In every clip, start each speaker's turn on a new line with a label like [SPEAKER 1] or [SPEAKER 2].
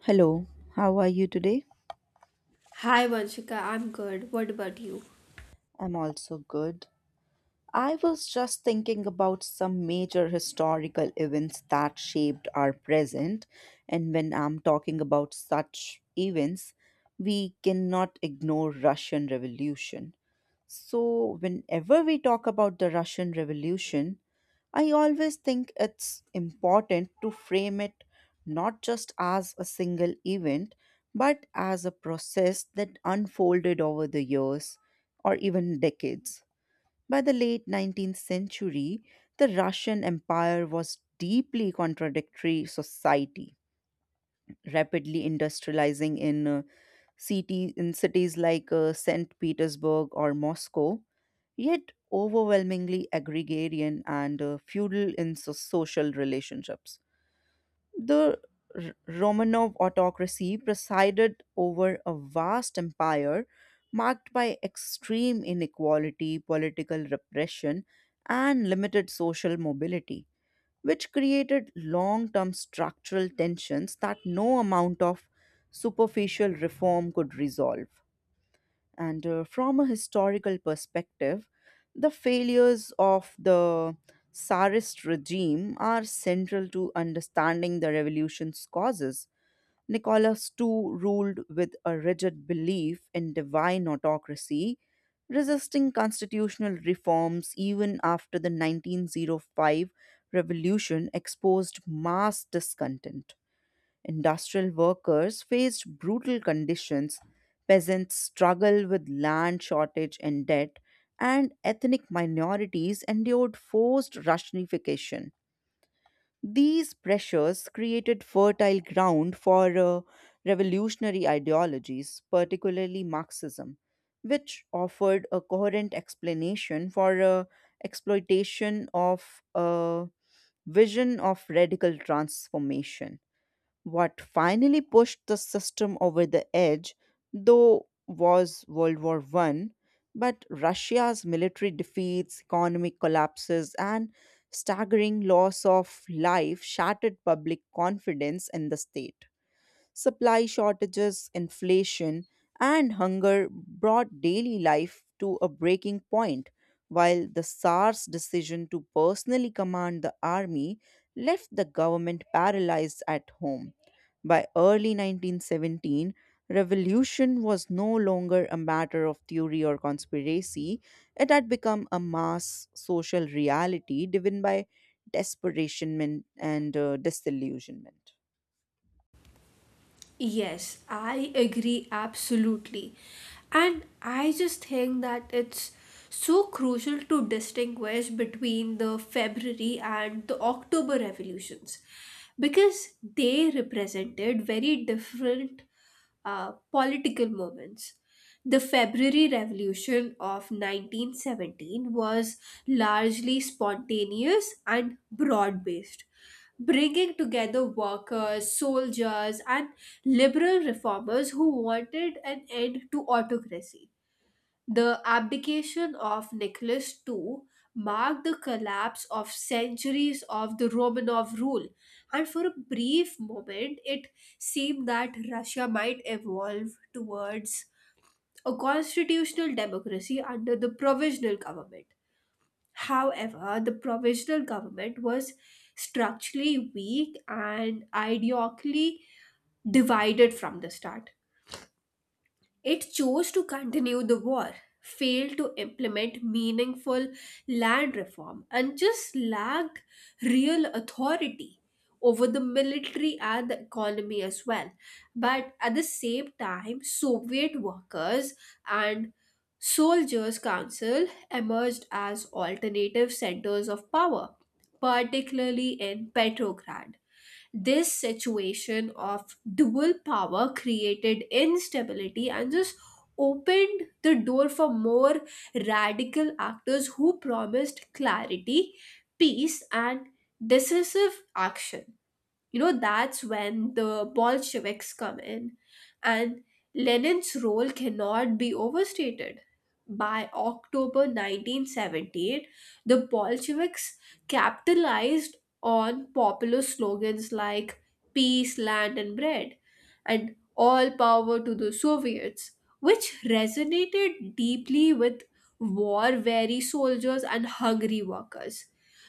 [SPEAKER 1] Hello, how are you today?
[SPEAKER 2] Hi Vanshika, I'm good. What about you?
[SPEAKER 1] I'm also good. I was just thinking about some major historical events that shaped our present, and when I'm talking about such events, we cannot ignore Russian Revolution. So whenever we talk about the Russian Revolution, I always think it's important to frame it not just as a single event, but as a process that unfolded over the years or even decades. By the late 19th century, the Russian Empire was deeply contradictory society, rapidly industrializing in city in cities like St. Petersburg or Moscow, yet overwhelmingly agrarian and feudal in social relationships. The Romanov autocracy presided over a vast empire marked by extreme inequality, political repression, and limited social mobility, which created long term structural tensions that no amount of superficial reform could resolve. And From a historical perspective, the failures of the Tsarist regime are central to understanding the revolution's causes. Nicholas II ruled with a rigid belief in divine autocracy, resisting constitutional reforms even after the 1905 revolution exposed mass discontent. Industrial workers faced brutal conditions, peasants struggled with land shortage and debt, and ethnic minorities endured forced Russianification. These pressures created fertile ground for revolutionary ideologies, particularly Marxism, which offered a coherent explanation for exploitation of a vision of radical transformation. What finally pushed the system over the edge, though, was World War One, but Russia's military defeats, economic collapses, and staggering loss of life shattered public confidence in the state. Supply shortages, inflation, and hunger brought daily life to a breaking point, while the Tsar's decision to personally command the army left the government paralyzed at home. By early 1917, revolution was no longer a matter of theory or conspiracy. It had become a mass social reality driven by desperation and disillusionment.
[SPEAKER 2] Yes, I agree absolutely. And I just think that it's so crucial to distinguish between the February and the October revolutions because they represented very different political moments. The February Revolution of 1917 was largely spontaneous and broad based, bringing together workers, soldiers, and liberal reformers who wanted an end to autocracy. The abdication of Nicholas II marked the collapse of centuries of the Romanov rule, and for a brief moment it seemed that Russia might evolve towards a constitutional democracy under the provisional government. However, the provisional government was structurally weak and ideologically divided from the start. It chose to continue the war, failed to implement meaningful land reform, and just lacked real authority over the military and the economy as well. But at the same time, Soviet workers and soldiers' council emerged as alternative centers of power, particularly in Petrograd. This situation of dual power created instability and just opened the door for more radical actors who promised clarity, peace, and decisive action. You know that's when the Bolsheviks come in, and Lenin's role cannot be overstated. By October 1978, the Bolsheviks capitalized on popular slogans like peace, land, and bread, and all power to the Soviets, which resonated deeply with war weary soldiers and hungry workers.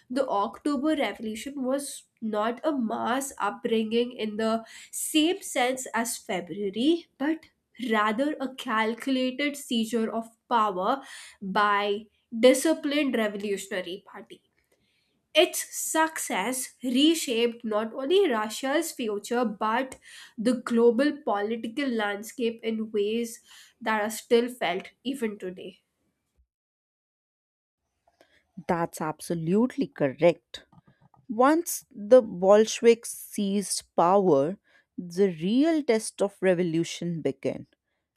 [SPEAKER 2] The October Revolution was not a mass upbringing in the same sense as February, but rather a calculated seizure of power by disciplined revolutionary party. Its success reshaped not only Russia's future but the global political landscape in ways that are still felt even today.
[SPEAKER 1] That's absolutely correct. Once the Bolsheviks seized power, the real test of revolution began.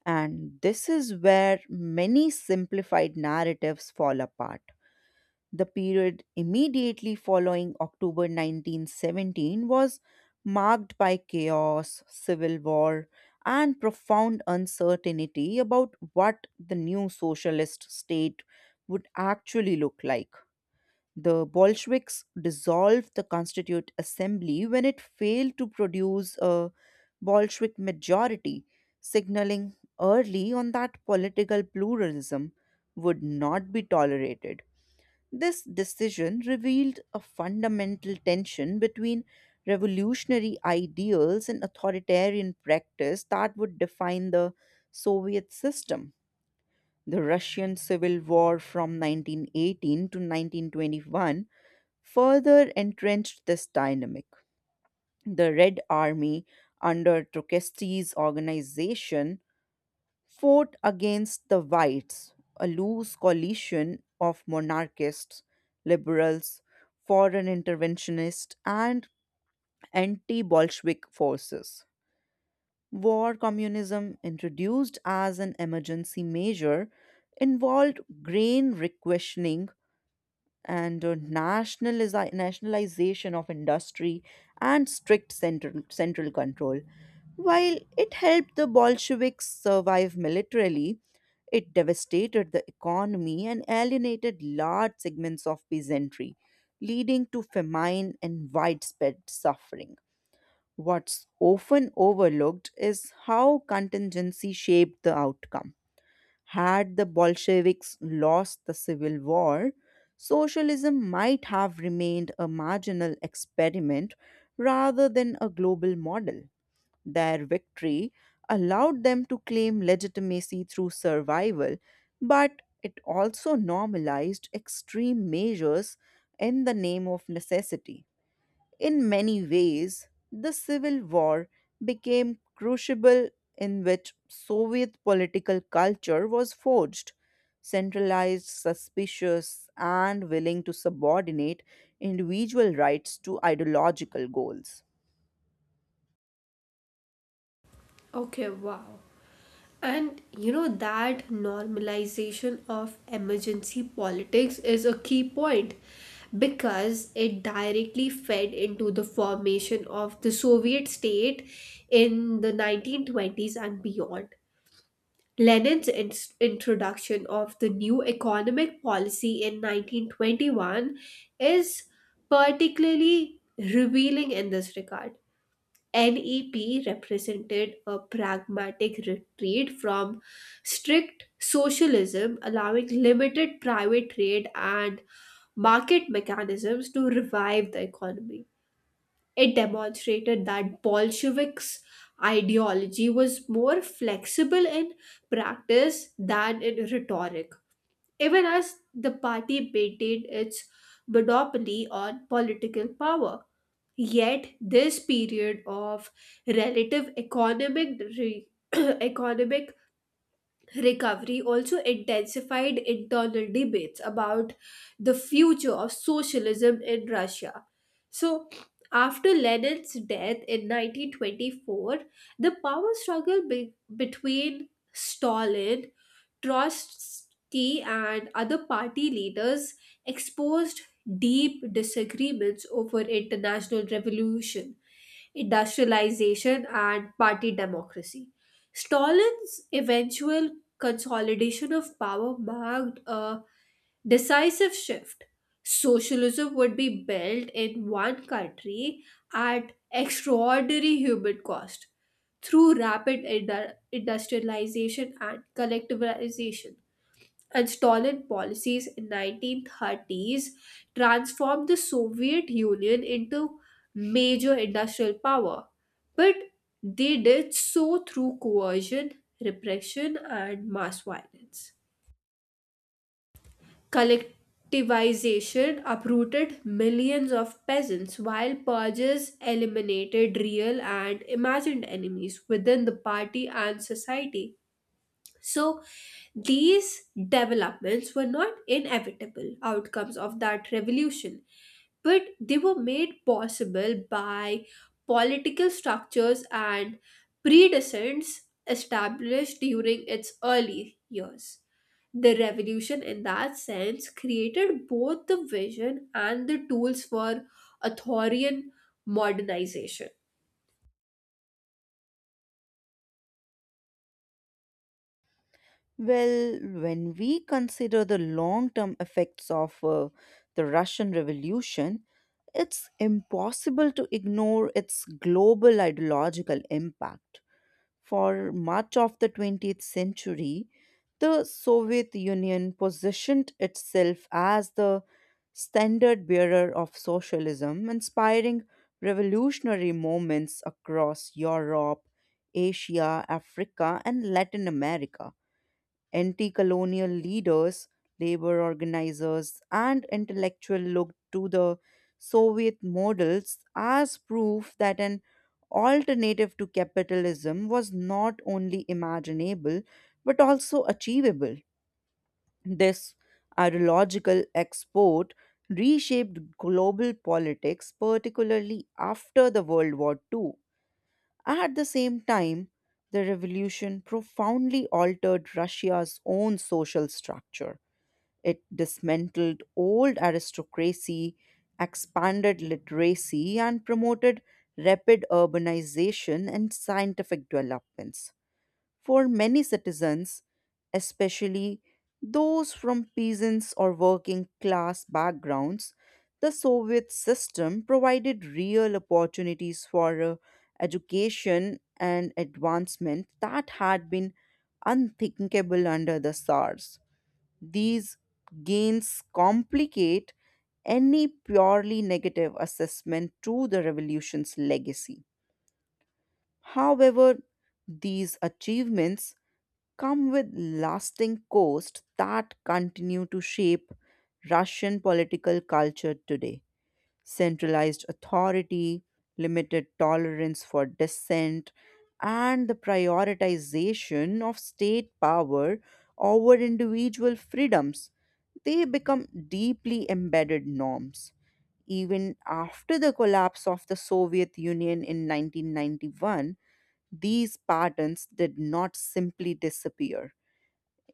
[SPEAKER 1] And this is where many simplified narratives fall apart. The period immediately following October 1917 was marked by chaos, civil war, and profound uncertainty about what the new socialist state would actually look like. The Bolsheviks dissolved the Constituent Assembly when it failed to produce a Bolshevik majority, signaling early on that political pluralism would not be tolerated. This decision revealed a fundamental tension between revolutionary ideals and authoritarian practice that would define the Soviet system. The Russian Civil War from 1918 to 1921 further entrenched this dynamic. The Red Army, under Trotsky's organization, fought against the Whites, a loose coalition of monarchists, liberals, foreign interventionists, and anti Bolshevik forces. War communism, introduced as an emergency measure, involved grain requisitioning and nationalization of industry and strict central control. While it helped the Bolsheviks survive militarily, it devastated the economy and alienated large segments of peasantry, leading to famine and widespread suffering. What's often overlooked is how contingency shaped the outcome. Had the Bolsheviks lost the Civil War, socialism might have remained a marginal experiment rather than a global model. Their victory allowed them to claim legitimacy through survival, but it also normalized extreme measures in the name of necessity. In many ways, the Civil War became crucible in which Soviet political culture was forged. Centralized, suspicious, and willing to subordinate individual rights to ideological goals.
[SPEAKER 2] Okay, wow. And you know that normalization of emergency politics is a key point because it directly fed into the formation of the Soviet state in the 1920s and beyond. Lenin's in- introduction of the new economic policy in 1921 is particularly revealing in this regard. NEP represented a pragmatic retreat from strict socialism, allowing limited private trade and market mechanisms to revive the economy. It demonstrated that Bolsheviks' ideology was more flexible in practice than in rhetoric, even as the party maintained its monopoly on political power. Yet, this period of relative economic re- economic recovery also intensified internal debates about the future of socialism in Russia. So, after Lenin's death in 1924, the power struggle between Stalin, Trotsky, and other party leaders exposed deep disagreements over international revolution, industrialization, and party democracy. Stalin's eventual consolidation of power marked a decisive shift. Socialism would be built in one country at extraordinary human cost through rapid industrialization and collectivization. And Stalin policies in 1930s transformed the Soviet Union into major industrial power. But they did so through coercion, repression, and mass violence. Collectivization uprooted millions of peasants, while purges eliminated real and imagined enemies within the party and society. So, these developments were not inevitable outcomes of that revolution, but they were made possible by political structures and precedents established during its early years. The revolution, in that sense, created both the vision and the tools for Arthurian modernization.
[SPEAKER 1] Well, when we consider the long term effects of the Russian Revolution, it's impossible to ignore its global ideological impact. For much of the 20th century, the Soviet Union positioned itself as the standard bearer of socialism, inspiring revolutionary movements across Europe, Asia, Africa, and Latin America. Anti colonial leaders, labor organizers, and intellectuals looked to the Soviet models as proof that an alternative to capitalism was not only imaginable but also achievable. This ideological export reshaped global politics, particularly after the World War II. At the same time, the revolution profoundly altered Russia's own social structure. It dismantled old aristocracy, expanded literacy, and promoted rapid urbanization and scientific developments. For many citizens, especially those from peasants or working class backgrounds, the Soviet system provided real opportunities for education and advancement that had been unthinkable under the Tsars. These gains complicate any purely negative assessment to the revolution's legacy. However, these achievements come with lasting costs that continue to shape Russian political culture today. Centralized authority, limited tolerance for dissent, and the prioritization of state power over individual freedoms, they become deeply embedded norms. Even after the collapse of the Soviet Union in 1991, these patterns did not simply disappear.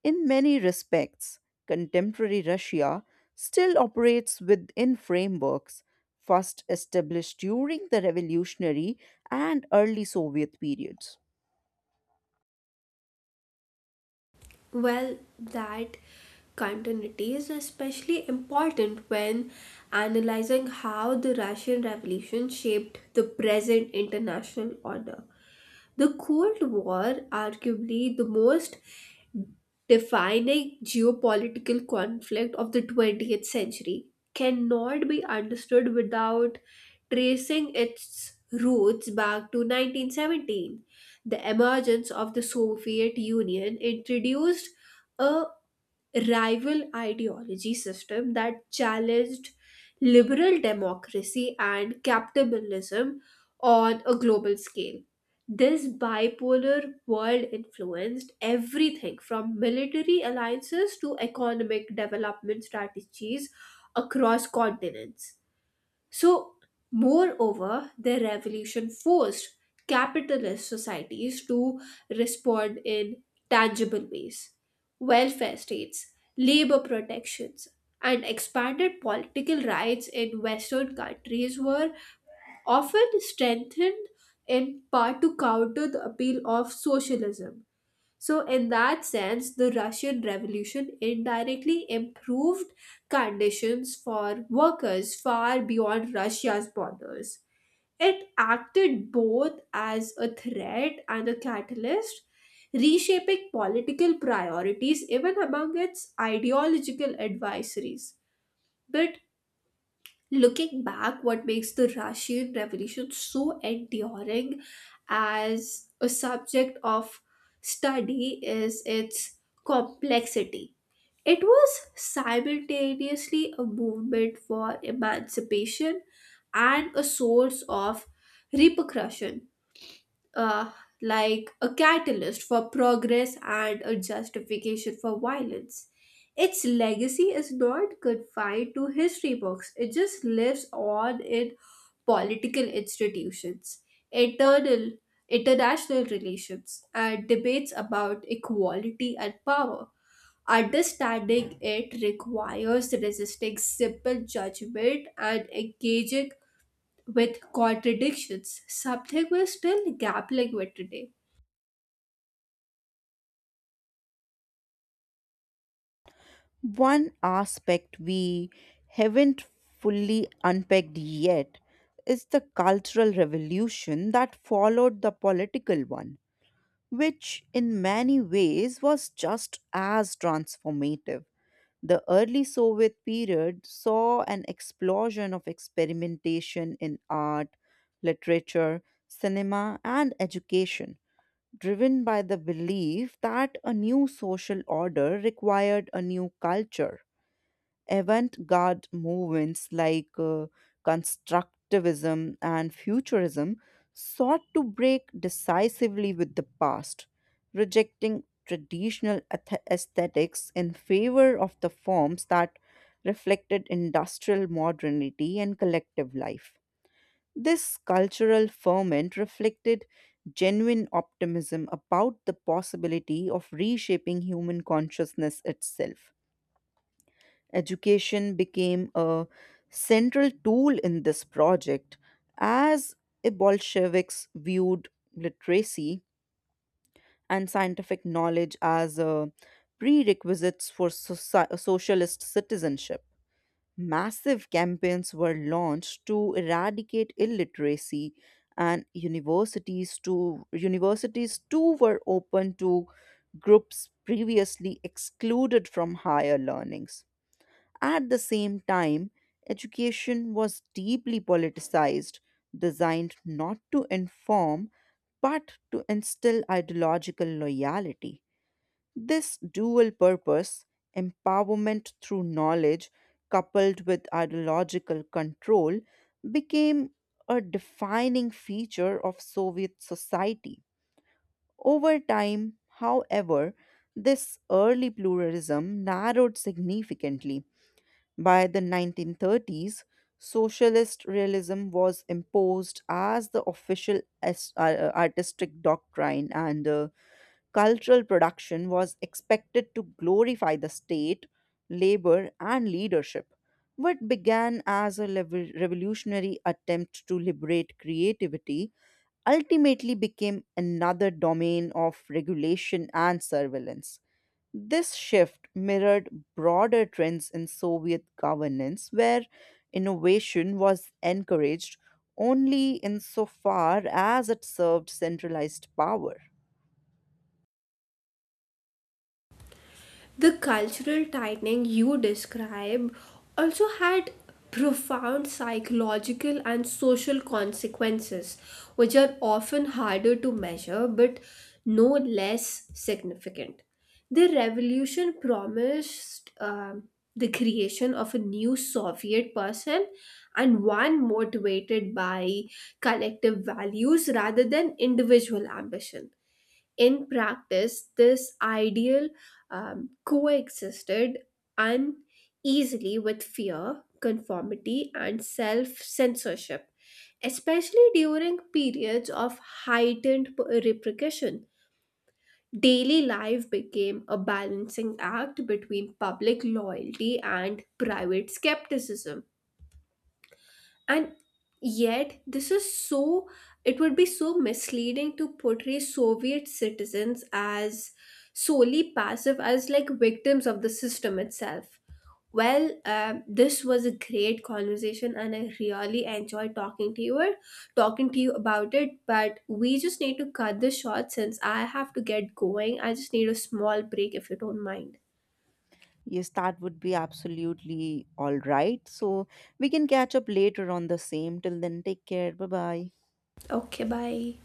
[SPEAKER 1] In many respects, contemporary Russia still operates within frameworks first established during the revolutionary and early Soviet periods.
[SPEAKER 2] Well, that continuity is especially important when analyzing how the Russian Revolution shaped the present international order. The Cold War, arguably the most defining geopolitical conflict of the 20th century, cannot be understood without tracing its roots back to 1917. The emergence of the Soviet Union introduced a rival ideology system that challenged liberal democracy and capitalism on a global scale. This bipolar world influenced everything from military alliances to economic development strategies across continents. So, moreover, the revolution forced capitalist societies to respond in tangible ways. Welfare states, labor protections, and expanded political rights in Western countries were often strengthened in part to counter the appeal of socialism. So, in that sense, the Russian Revolution indirectly improved conditions for workers far beyond Russia's borders. It acted both as a threat and a catalyst, reshaping political priorities even among its ideological advisories. But looking back, what makes the Russian Revolution so enduring as a subject of study is its complexity. It was simultaneously a movement for emancipation and a source of repercussion, uh, like a catalyst for progress and a justification for violence. Its legacy is not confined to history books, it just lives on in political institutions, internal, international relations, and debates about equality and power. Understanding it requires resisting simple judgment and engaging with contradictions, something we're still grappling with today.
[SPEAKER 1] One aspect we haven't fully unpacked yet is the cultural revolution that followed the political one, which in many ways was just as transformative. The early Soviet period saw an explosion of experimentation in art, literature, cinema, and education, driven by the belief that a new social order required a new culture avant-garde movements like constructivism and futurism sought to break decisively with the past, rejecting traditional aesthetics in favor of the forms that reflected industrial modernity and collective life. This cultural ferment reflected genuine optimism about the possibility of reshaping human consciousness itself. Education became a central tool in this project, as the Bolsheviks viewed literacy and scientific knowledge as prerequisites for socialist citizenship. Massive campaigns were launched to eradicate illiteracy, and universities too were open to groups previously excluded from higher learnings. At the same time, education was deeply politicized, designed not to inform but to instill ideological loyalty. This dual purpose, empowerment through knowledge coupled with ideological control, became a defining feature of Soviet society. Over time, however, this early pluralism narrowed significantly by the 1930s, socialist realism was imposed as the official artistic doctrine, and cultural production was expected to glorify the state, labor, and leadership. What began as a revolutionary attempt to liberate creativity ultimately became another domain of regulation and surveillance. This shift mirrored broader trends in Soviet governance, where innovation was encouraged only insofar as it served centralized power.
[SPEAKER 2] The cultural tightening you describe also had profound psychological and social consequences, which are often harder to measure but no less significant. The revolution promised the creation of a new Soviet person and one motivated by collective values rather than individual ambition. In practice, this ideal coexisted uneasily with fear, conformity, and self censorship, especially during periods of repercussion. Daily life became a balancing act between public loyalty and private skepticism, and yet, this is so, it would be so misleading to portray Soviet citizens as solely passive, as like victims of the system itself. Well, this was a great conversation, and I really enjoyed talking to you, or talking to you about it. But we just need to cut this short since I have to get going. I just need a small break if you don't mind.
[SPEAKER 1] Yes, that would be absolutely all right. So we can catch up later on the same. Till then, take care. Bye bye.
[SPEAKER 2] Okay, bye.